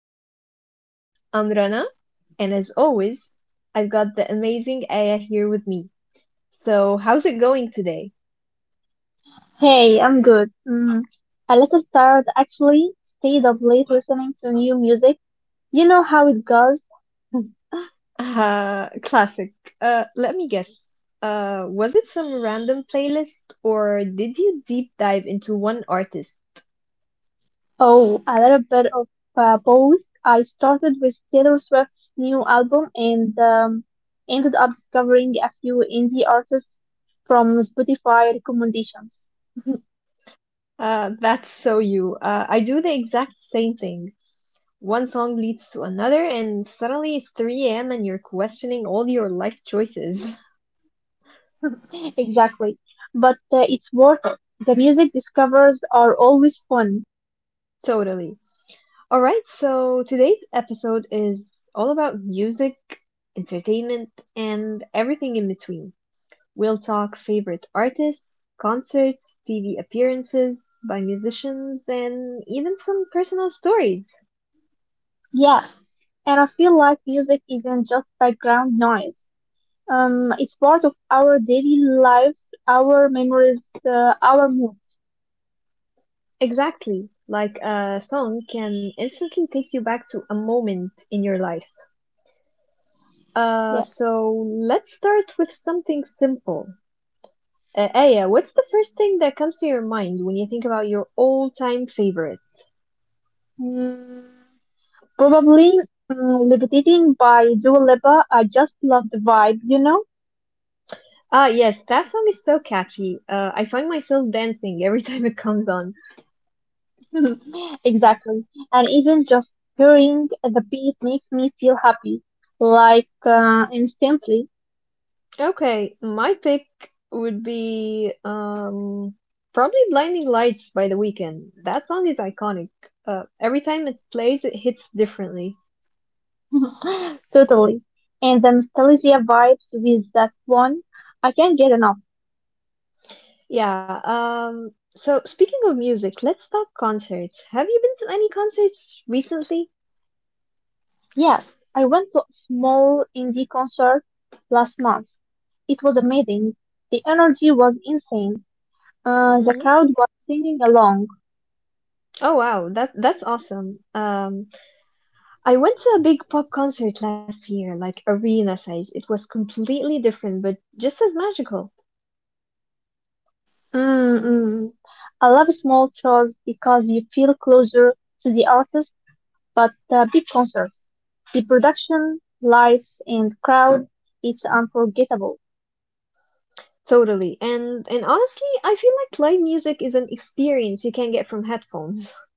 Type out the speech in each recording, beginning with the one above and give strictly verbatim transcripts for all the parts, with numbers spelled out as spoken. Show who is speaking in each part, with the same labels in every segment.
Speaker 1: Entertainment. I'm Rana, and as always, I've got the amazing Aya here with me. So, how's it going today?
Speaker 2: Hey, I'm good. Mm, a little tired actually. Stayed up late listening to new music. You know how it goes.
Speaker 1: Uh, classic. Uh, let me guess. Uh, was it some random playlist, or did you deep dive into one artist?
Speaker 2: Oh, a little bit of uh, both. I started with Taylor Swift's new album and um, ended up discovering a few indie artists from Spotify recommendations.
Speaker 1: Uh, that's so you. Uh, I do the exact same thing. One song leads to another, and suddenly it's three a m and you're questioning all your life choices.
Speaker 2: Exactly. But uh, it's worth it. The music discovers are always fun.
Speaker 1: Totally. All right, so today's episode is all about music, entertainment, and everything in between. We'll talk favorite artists, concerts, T V appearances by musicians, and even some personal stories.
Speaker 2: Yes, and I feel like music isn't just background noise. Um, it's part of our daily lives, our memories, uh, our moods.
Speaker 1: Exactly, like a song can instantly take you back to a moment in your life. Uh,
Speaker 2: Yes.
Speaker 1: so let's start with something simple. Uh, Aya, what's the first thing that comes to your mind when you think about your all-time favorite?
Speaker 2: Mm, Probably mm, Levitating by Dua Lipa. I just love the vibe, you know?
Speaker 1: Ah, yes, that song is so catchy. Uh, I find myself dancing every time it comes on.
Speaker 2: Exactly. And even just hearing the beat makes me feel happy, like, uh, instantly.
Speaker 1: Okay, my pick would be um probably Blinding Lights by The Weeknd. That song is iconic. Uh, every time it plays, it hits differently.
Speaker 2: Totally. And the nostalgia vibes with that one, I can't get enough.
Speaker 1: Yeah, um so speaking of music, let's talk concerts. Have you been to any concerts recently?
Speaker 2: Yes, I went to a small indie concert last month. It was amazing. The energy was insane. Uh, the
Speaker 1: Mm?
Speaker 2: crowd was singing along.
Speaker 1: Oh wow, that that's awesome. Um I went to a big pop concert last year, like arena size. It was completely different, but just as magical.
Speaker 2: Mm, mm. I love small shows because you feel closer to the artist, but uh, big concerts, the production, lights, and crowd, it's unforgettable.
Speaker 1: Totally. And and honestly, I feel like live music is an experience you can get from headphones.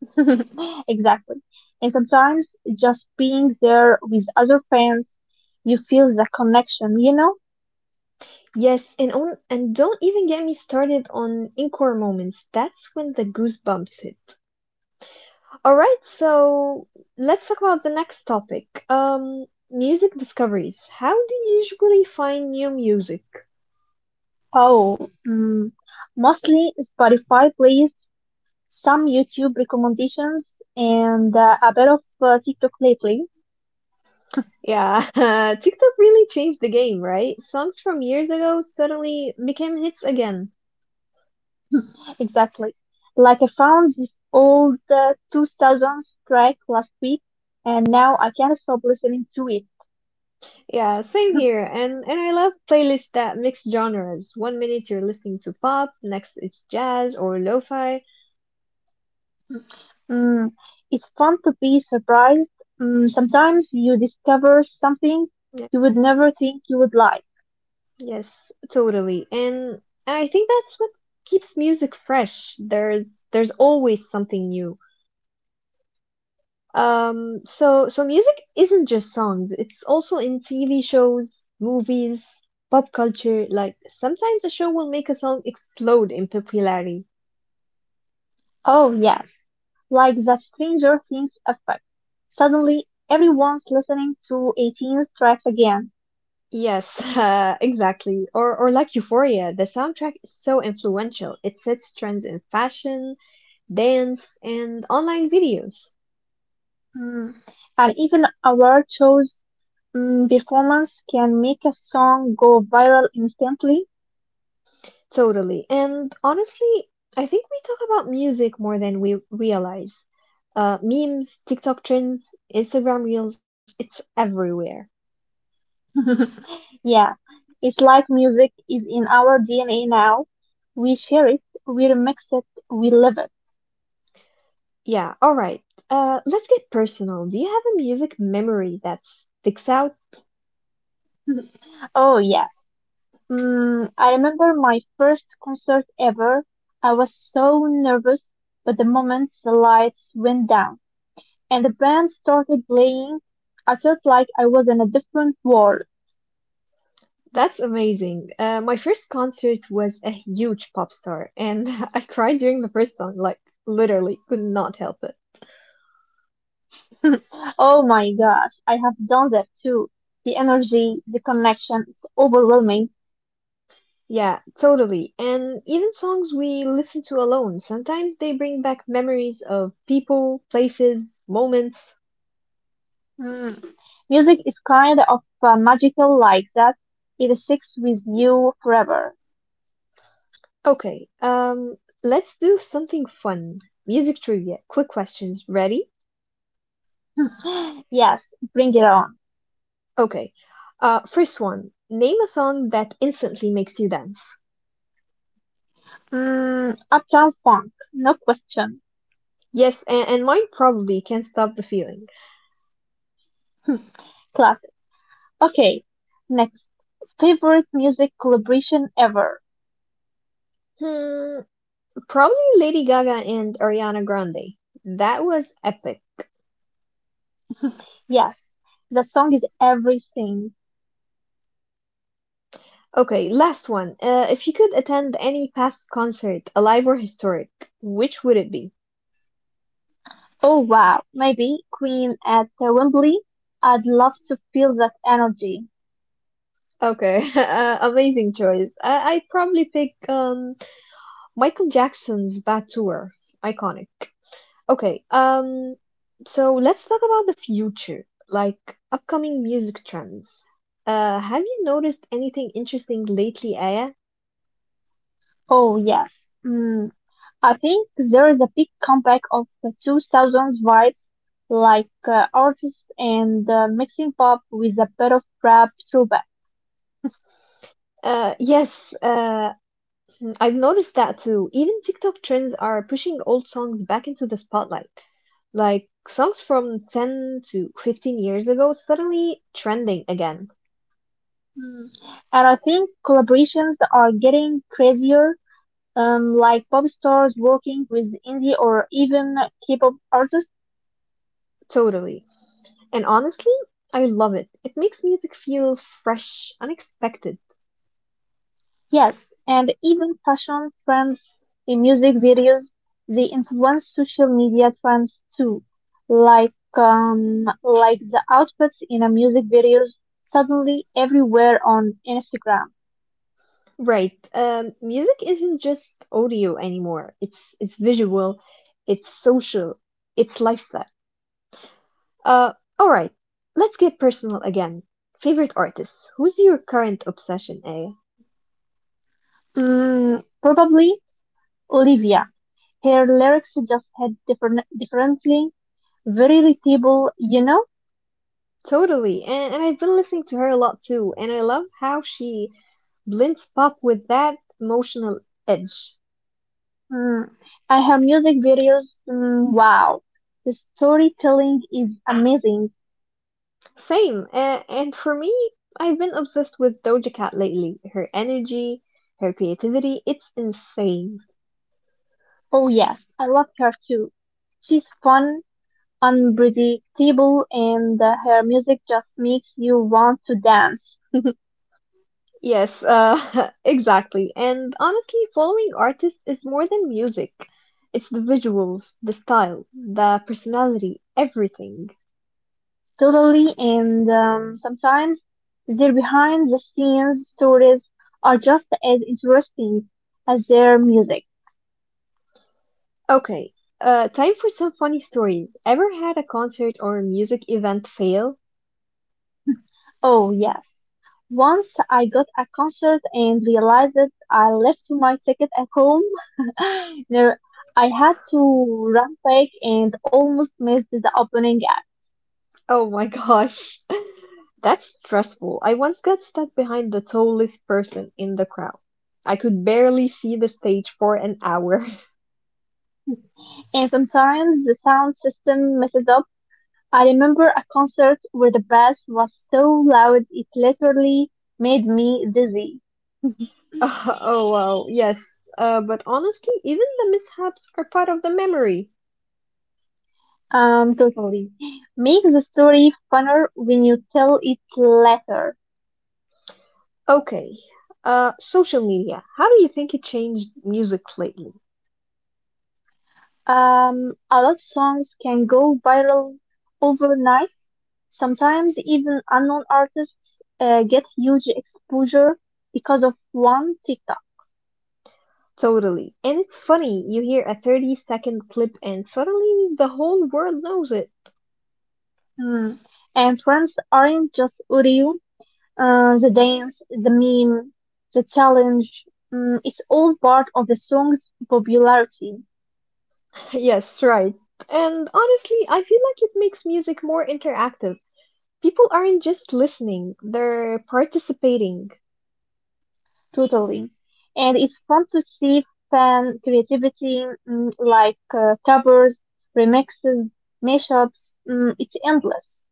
Speaker 2: Exactly. And sometimes just being there with other fans, you feel the connection, you know?
Speaker 1: Yes, and on and don't even get me started on encore moments. That's when the goosebumps hit. All right, so let's talk about the next topic. Um, music discoveries. How do you usually find new music?
Speaker 2: Oh, mm, mostly Spotify plays, some YouTube recommendations, and uh, a bit of uh, TikTok lately.
Speaker 1: Yeah, TikTok really changed the game, right? Songs from years ago suddenly became hits again.
Speaker 2: Exactly. Like I found this old uh, two thousands track last week, and now I can't stop listening to it.
Speaker 1: Yeah, same here. And and I love playlists that mix genres. One minute you're listening to pop, next it's jazz or lo-fi.
Speaker 2: Mm, it's fun to be surprised. Mm, sometimes you discover something
Speaker 1: Yeah,
Speaker 2: you would never think you would like.
Speaker 1: yes, totally. And I think that's what keeps music fresh. There's there's always something new. Um, so so music isn't just songs, it's also in T V shows, movies, pop culture. Like sometimes a show will make a song explode in popularity.
Speaker 2: Oh, yes. Like the Stranger Things effect. Suddenly, everyone's listening to eighteen tracks again.
Speaker 1: Yes, uh, exactly. Or or like Euphoria, the soundtrack is so influential. It sets trends in fashion, dance, and online videos.
Speaker 2: Mm. And even award shows, mm, performance can make a song go viral instantly.
Speaker 1: Totally. And honestly, I think we talk about music more than we realize. Uh, memes, TikTok trends, Instagram reels, it's everywhere.
Speaker 2: Yeah, it's like music is in our D N A now. We share it, we remix it, we live it.
Speaker 1: Yeah, all right. Uh, let's get personal. Do you have a music memory that sticks out?
Speaker 2: Oh, yes. Mm, I remember my first concert ever. I was so nervous, but the moment the lights went down and the band started playing, I felt like I was in a different world.
Speaker 1: That's amazing. Uh, my first concert was a huge pop star, and I cried during the first song, like, literally, could not help it.
Speaker 2: Oh my gosh, I have done that too. The energy, the connection, it's overwhelming.
Speaker 1: Yeah, totally. And even songs we listen to alone, sometimes they bring back memories of people, places, moments.
Speaker 2: Mm. Music is kind of uh, magical like that. It sticks with you forever.
Speaker 1: Okay, um, let's do something fun. Music trivia. Quick questions. Ready?
Speaker 2: Yes, bring it on.
Speaker 1: Okay. Uh, first one. Name a song that instantly makes you dance.
Speaker 2: Mm, Uptown Funk, no question.
Speaker 1: Yes, and, and mine probably can't stop the feeling.
Speaker 2: Classic. Okay, next. Favorite music collaboration ever?
Speaker 1: Hmm, probably Lady Gaga and Ariana Grande. That was epic.
Speaker 2: Yes, the song is everything.
Speaker 1: Okay, last one. Uh, if you could attend any past concert, alive or historic, which would it be?
Speaker 2: Oh wow, maybe Queen at the Wembley? I'd love to feel that energy.
Speaker 1: Okay, uh, amazing choice. I I probably pick um Michael Jackson's Bad Tour. Iconic. Okay, um, so let's talk about the future, like upcoming music trends. Uh, have you noticed anything interesting lately, Aya?
Speaker 2: Oh yes. Mm, I think there is a big comeback of the two thousands vibes, like, uh, artists and uh, mixing pop with a bit of rap throwback.
Speaker 1: Uh, yes, uh, I've noticed that too. Even TikTok trends are pushing old songs back into the spotlight. Like songs from ten to fifteen years ago suddenly trending again.
Speaker 2: Mm. And I think collaborations are getting crazier, um, like pop stars working with indie or even K-pop artists.
Speaker 1: Totally. And honestly, I love it. It makes music feel fresh, unexpected.
Speaker 2: Yes, and even fashion trends in music videos, they influence social media trends too. Like, um, like the outfits in a music videos suddenly everywhere on Instagram.
Speaker 1: Right. Um, music isn't just audio anymore. It's it's visual, it's social, it's lifestyle. Uh, all right. Let's get personal again. Favorite artists. Who's your current obsession, A?
Speaker 2: Mm, probably Olivia. Her lyrics just hit different, differently, very relatable, you know?
Speaker 1: Totally. And and I've been listening to her a lot too, and I love how she blends pop with that emotional edge.
Speaker 2: Mm. I have music videos. Mm, wow. The storytelling is amazing.
Speaker 1: Same. And, and for me, I've been obsessed with Doja Cat lately. Her energy, her creativity, it's insane.
Speaker 2: Oh yes, I love her too. She's fun, unpredictable, and uh, her music just makes you want to dance.
Speaker 1: Yes, uh, exactly. And honestly, following artists is more than music. It's the visuals, the style, the personality, everything.
Speaker 2: Totally, and um, sometimes their behind the scenes stories are just as interesting as their music.
Speaker 1: Okay, uh, time for some funny stories. Ever had a concert or music event fail?
Speaker 2: Oh, yes. Once I got a concert and realized that I left my ticket at home. No, I had to run back and almost missed the opening act.
Speaker 1: Oh my gosh. That's stressful. I once got stuck behind the tallest person in the crowd. I could barely see the stage for an hour.
Speaker 2: And sometimes the sound system messes up. I remember a concert where the bass was so loud it literally made me dizzy.
Speaker 1: oh wow, yes. Uh, but honestly, even the mishaps are part of the memory.
Speaker 2: Um, totally. Makes the story funner when you tell it later.
Speaker 1: Okay. Uh, social media. How do you think it changed music lately?
Speaker 2: Um, a lot of songs can go viral overnight. Sometimes even unknown artists uh, get huge exposure because of one TikTok.
Speaker 1: Totally. And it's funny, you hear a thirty second clip and suddenly the whole world knows it.
Speaker 2: Mm. And trends aren't just audio, uh, the dance, the meme, the challenge. Mm, it's all part of the song's popularity.
Speaker 1: Yes, right. And honestly, I feel like it makes music more interactive. People aren't just listening, they're participating.
Speaker 2: Totally. And it's fun to see fan creativity, mm, like, uh, covers, remixes, mashups. Mm, it's endless.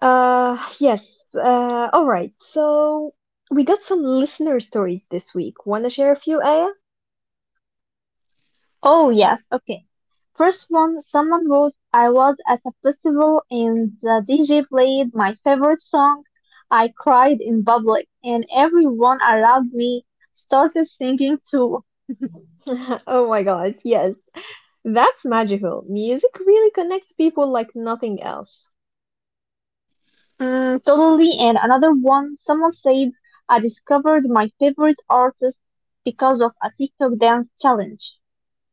Speaker 1: Uh, yes, uh, all right. So we got some listener stories this week. Want to share a few, Aya?
Speaker 2: Oh, yes. Okay. First one, someone wrote, I was at a festival and the D J played my favorite song. I cried in public and everyone around me started singing too.
Speaker 1: oh my god, yes. That's magical. Music really connects people like nothing else.
Speaker 2: Mm, totally. And another one, someone said, I discovered my favorite artist because of a TikTok dance challenge.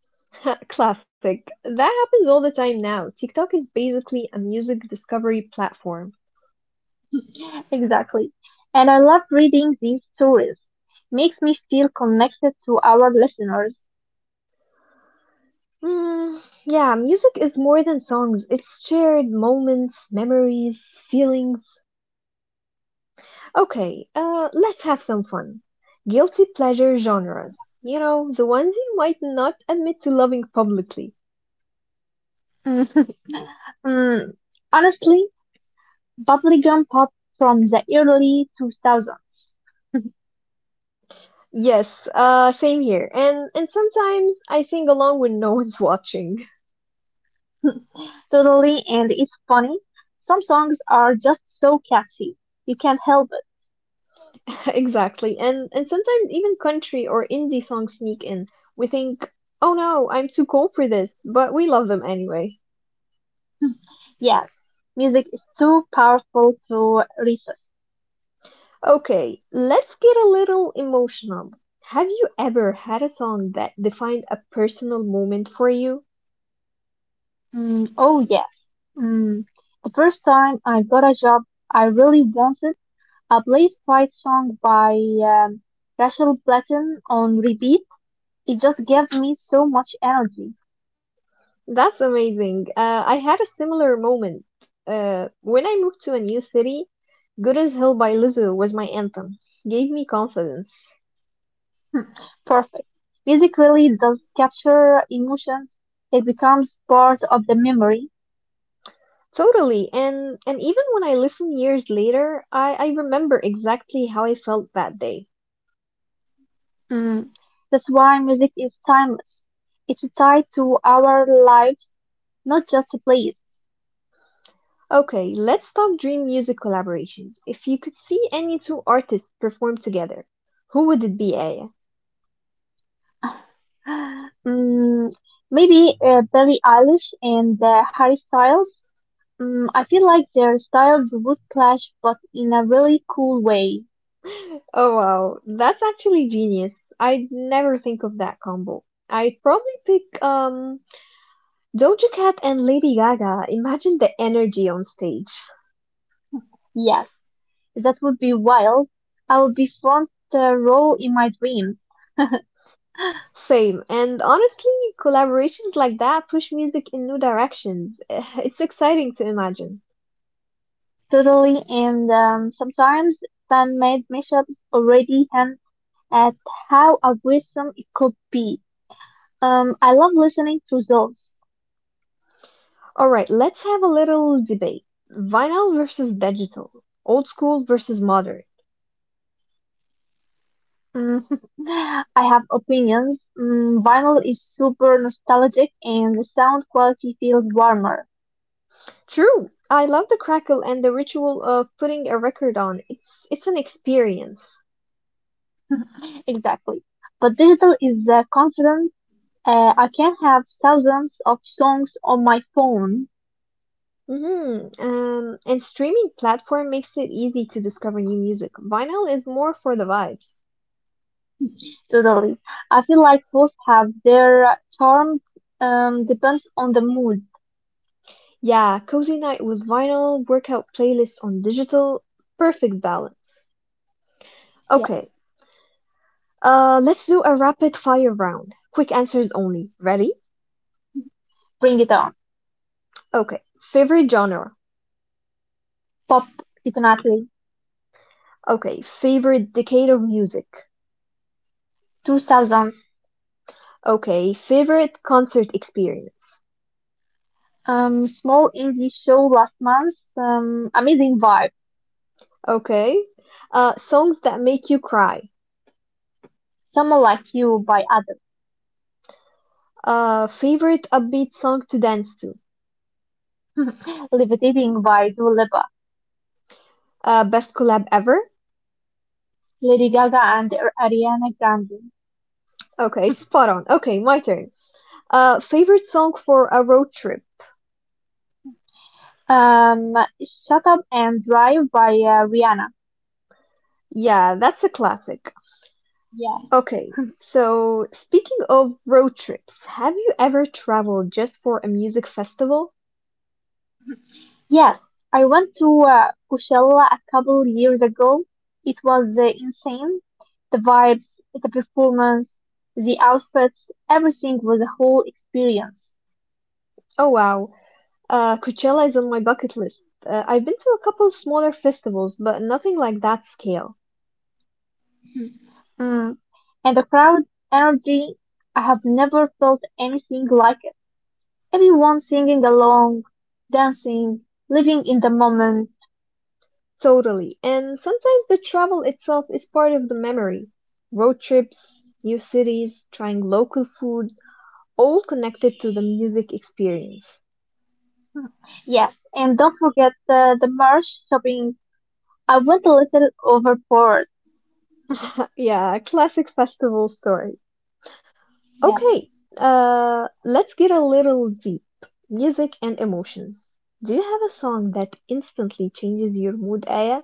Speaker 1: Classic. That happens all the time now. TikTok is basically a music discovery platform.
Speaker 2: Exactly. And I love reading these stories. Makes me feel connected to our listeners.
Speaker 1: Mm, yeah, music is more than songs. It's shared moments, memories, feelings. Okay, uh, let's have some fun. Guilty pleasure genres. You know, the ones you might not admit to loving publicly.
Speaker 2: Mhm. Mm, honestly, bubblegum pop from the early two thousands.
Speaker 1: Yes, uh, same here. And and sometimes I sing along when no one's watching.
Speaker 2: Totally, and it's funny. Some songs are just so catchy. You can't help it.
Speaker 1: Exactly. And and sometimes even country or indie songs sneak in. We think, "Oh no, I'm too cool for this," but we love them anyway.
Speaker 2: Yes, music is too powerful to resist.
Speaker 1: Okay, let's get a little emotional. Have you ever had a song that defined a personal moment for you?
Speaker 2: Mm, oh yes. Mm, the first time I got a job I really wanted, I played Fight Song by um, Rachel Platten on repeat. It just gave me so much energy.
Speaker 1: That's amazing. Uh, I had a similar moment. Uh, when I moved to a new city, Good as Hell by Lizzo was my anthem. Gave me confidence.
Speaker 2: Hmm, perfect. Music really does capture emotions. It becomes part of the memory.
Speaker 1: Totally, and and even when I listen years later, I, I remember exactly how I felt that day.
Speaker 2: Mm, that's why music is timeless. It's tied to our lives, not just a place.
Speaker 1: Okay, let's talk dream music collaborations. If you could see any two artists perform together, who would it be,
Speaker 2: Mm, maybe uh, Billie Eilish and uh, Harry Styles. Mm, I feel like their styles would clash, but in a really cool way.
Speaker 1: Oh wow, that's actually genius. I'd never think of that combo. I'd probably pick um Doja Cat and Lady Gaga. Imagine the energy on stage.
Speaker 2: Yes, that would be wild. I would be front uh, row in my dreams,
Speaker 1: Same. And honestly, collaborations like that push music in new directions. It's exciting to imagine.
Speaker 2: totally. And um, sometimes fan-made mashups already hint at how aggressive it could be. Um, I love listening to those.
Speaker 1: All right, let's have a little debate. Vinyl versus digital. Old school versus modern.
Speaker 2: Mm, I have opinions. Mm, vinyl is super nostalgic and the sound quality feels warmer.
Speaker 1: True. I love the crackle and the ritual of putting a record on. It's it's an experience.
Speaker 2: Exactly. But digital is uh, confident. Uh, I can have thousands of songs on my phone.
Speaker 1: Mhm, um, and streaming platform makes it easy to discover new music. Vinyl is more for the vibes.
Speaker 2: Totally. I feel like both have their charm. Um, depends on the mood.
Speaker 1: Yeah, cozy night with vinyl, workout playlists on digital, perfect balance.
Speaker 2: Yeah.
Speaker 1: Okay, uh, let's do a rapid fire round. Quick answers only. Ready?
Speaker 2: Bring it on.
Speaker 1: Okay, favorite genre.
Speaker 2: Pop, definitely.
Speaker 1: Okay, favorite decade of music.
Speaker 2: two thousands.
Speaker 1: Okay, favorite concert experience.
Speaker 2: Um, small indie show last month. Um, amazing vibe.
Speaker 1: Okay, uh, songs that make you cry.
Speaker 2: Someone Like You by Adam.
Speaker 1: Uh, favorite upbeat song to dance to.
Speaker 2: Levitating by Dua Lipa,
Speaker 1: Uh, best collab ever?
Speaker 2: Lady Gaga and Ariana Grande.
Speaker 1: Okay, spot on. Okay, my turn. Uh, favorite song for a road trip?
Speaker 2: Um, Shut Up and Drive by uh, Rihanna.
Speaker 1: Yeah, that's a classic.
Speaker 2: Yeah.
Speaker 1: Okay, so speaking of road trips, have you ever traveled just for a music festival?
Speaker 2: Yes, I went to uh, Coachella a couple years ago. It was uh, insane. The vibes, the performance, the outfits, everything was a whole experience.
Speaker 1: Oh wow, uh, Coachella is on my bucket list. Uh, I've been to a couple smaller festivals, but nothing like that scale.
Speaker 2: Mm. And the crowd energy, I have never felt anything like it. Everyone singing along, dancing, living in the moment.
Speaker 1: Totally. And sometimes the travel itself is part of the memory. Road trips, new cities, trying local food, all connected to the music experience.
Speaker 2: Yes, and don't forget the, the merch shopping. I went a little overboard.
Speaker 1: yeah, classic festival story.
Speaker 2: Yeah.
Speaker 1: Okay, uh, let's get a little deep. Music and emotions. Do you have a song that instantly changes your mood, Aya?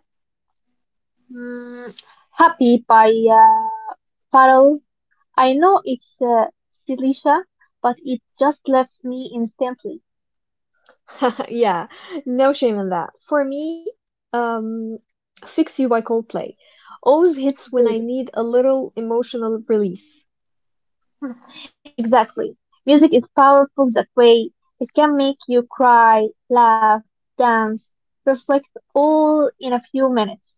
Speaker 2: Mm, Happy by uh, Pharrell. I know it's uh, Silisha, but it just left me instantly.
Speaker 1: yeah, no shame in that. For me, um, Fix You by Coldplay always hits when I
Speaker 2: Good.
Speaker 1: need a little emotional release.
Speaker 2: Exactly. Music is powerful that way. It can make you cry, laugh, dance, reflect all in a few minutes.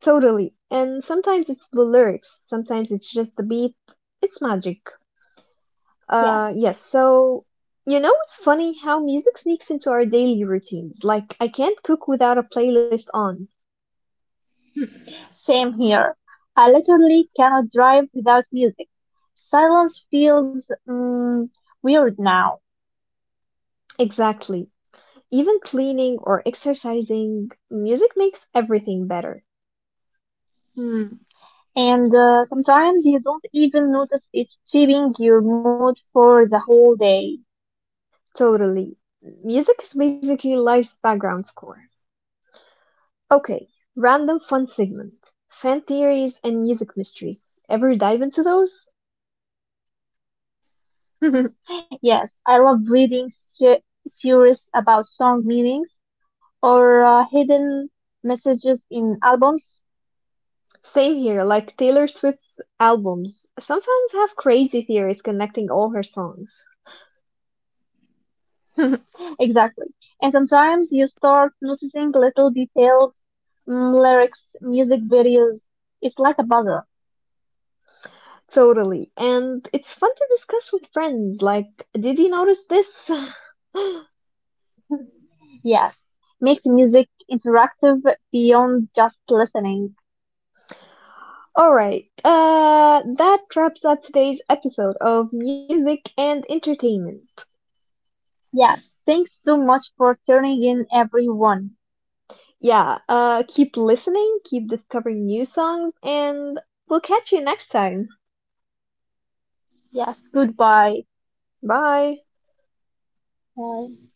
Speaker 1: Totally. And sometimes it's the lyrics, sometimes it's just the beat. It's magic.
Speaker 2: Yes.
Speaker 1: Uh, yes, so you know, it's funny how music sneaks into our daily routines. Like, I can't cook without a playlist on.
Speaker 2: Same here. I literally cannot drive without music. Silence feels, mm, weird now.
Speaker 1: Exactly. Even cleaning or exercising, music makes everything better.
Speaker 2: Mm. And uh, sometimes you don't even notice it's shaping your mood for the whole day.
Speaker 1: Totally. Music is basically life's background score. Okay, random fun segment. Fan theories and music mysteries. Ever dive into those?
Speaker 2: Yes, I love reading se- series about song meanings or uh, hidden messages in albums.
Speaker 1: Same here, like Taylor Swift's albums. Some fans have crazy theories connecting all her songs.
Speaker 2: Exactly. And sometimes you start noticing little details, mm, lyrics, music videos. It's like a puzzle.
Speaker 1: Totally. And it's fun to discuss with friends, like, did you notice this?
Speaker 2: Yes. Makes music interactive beyond just listening.
Speaker 1: Alright, uh, that wraps up today's episode of Music and Entertainment.
Speaker 2: Yes. Thanks so much for tuning in, everyone.
Speaker 1: Yeah, uh, keep listening, keep discovering new songs, and we'll catch you next time.
Speaker 2: Yes. Goodbye.
Speaker 1: Bye!
Speaker 2: Bye.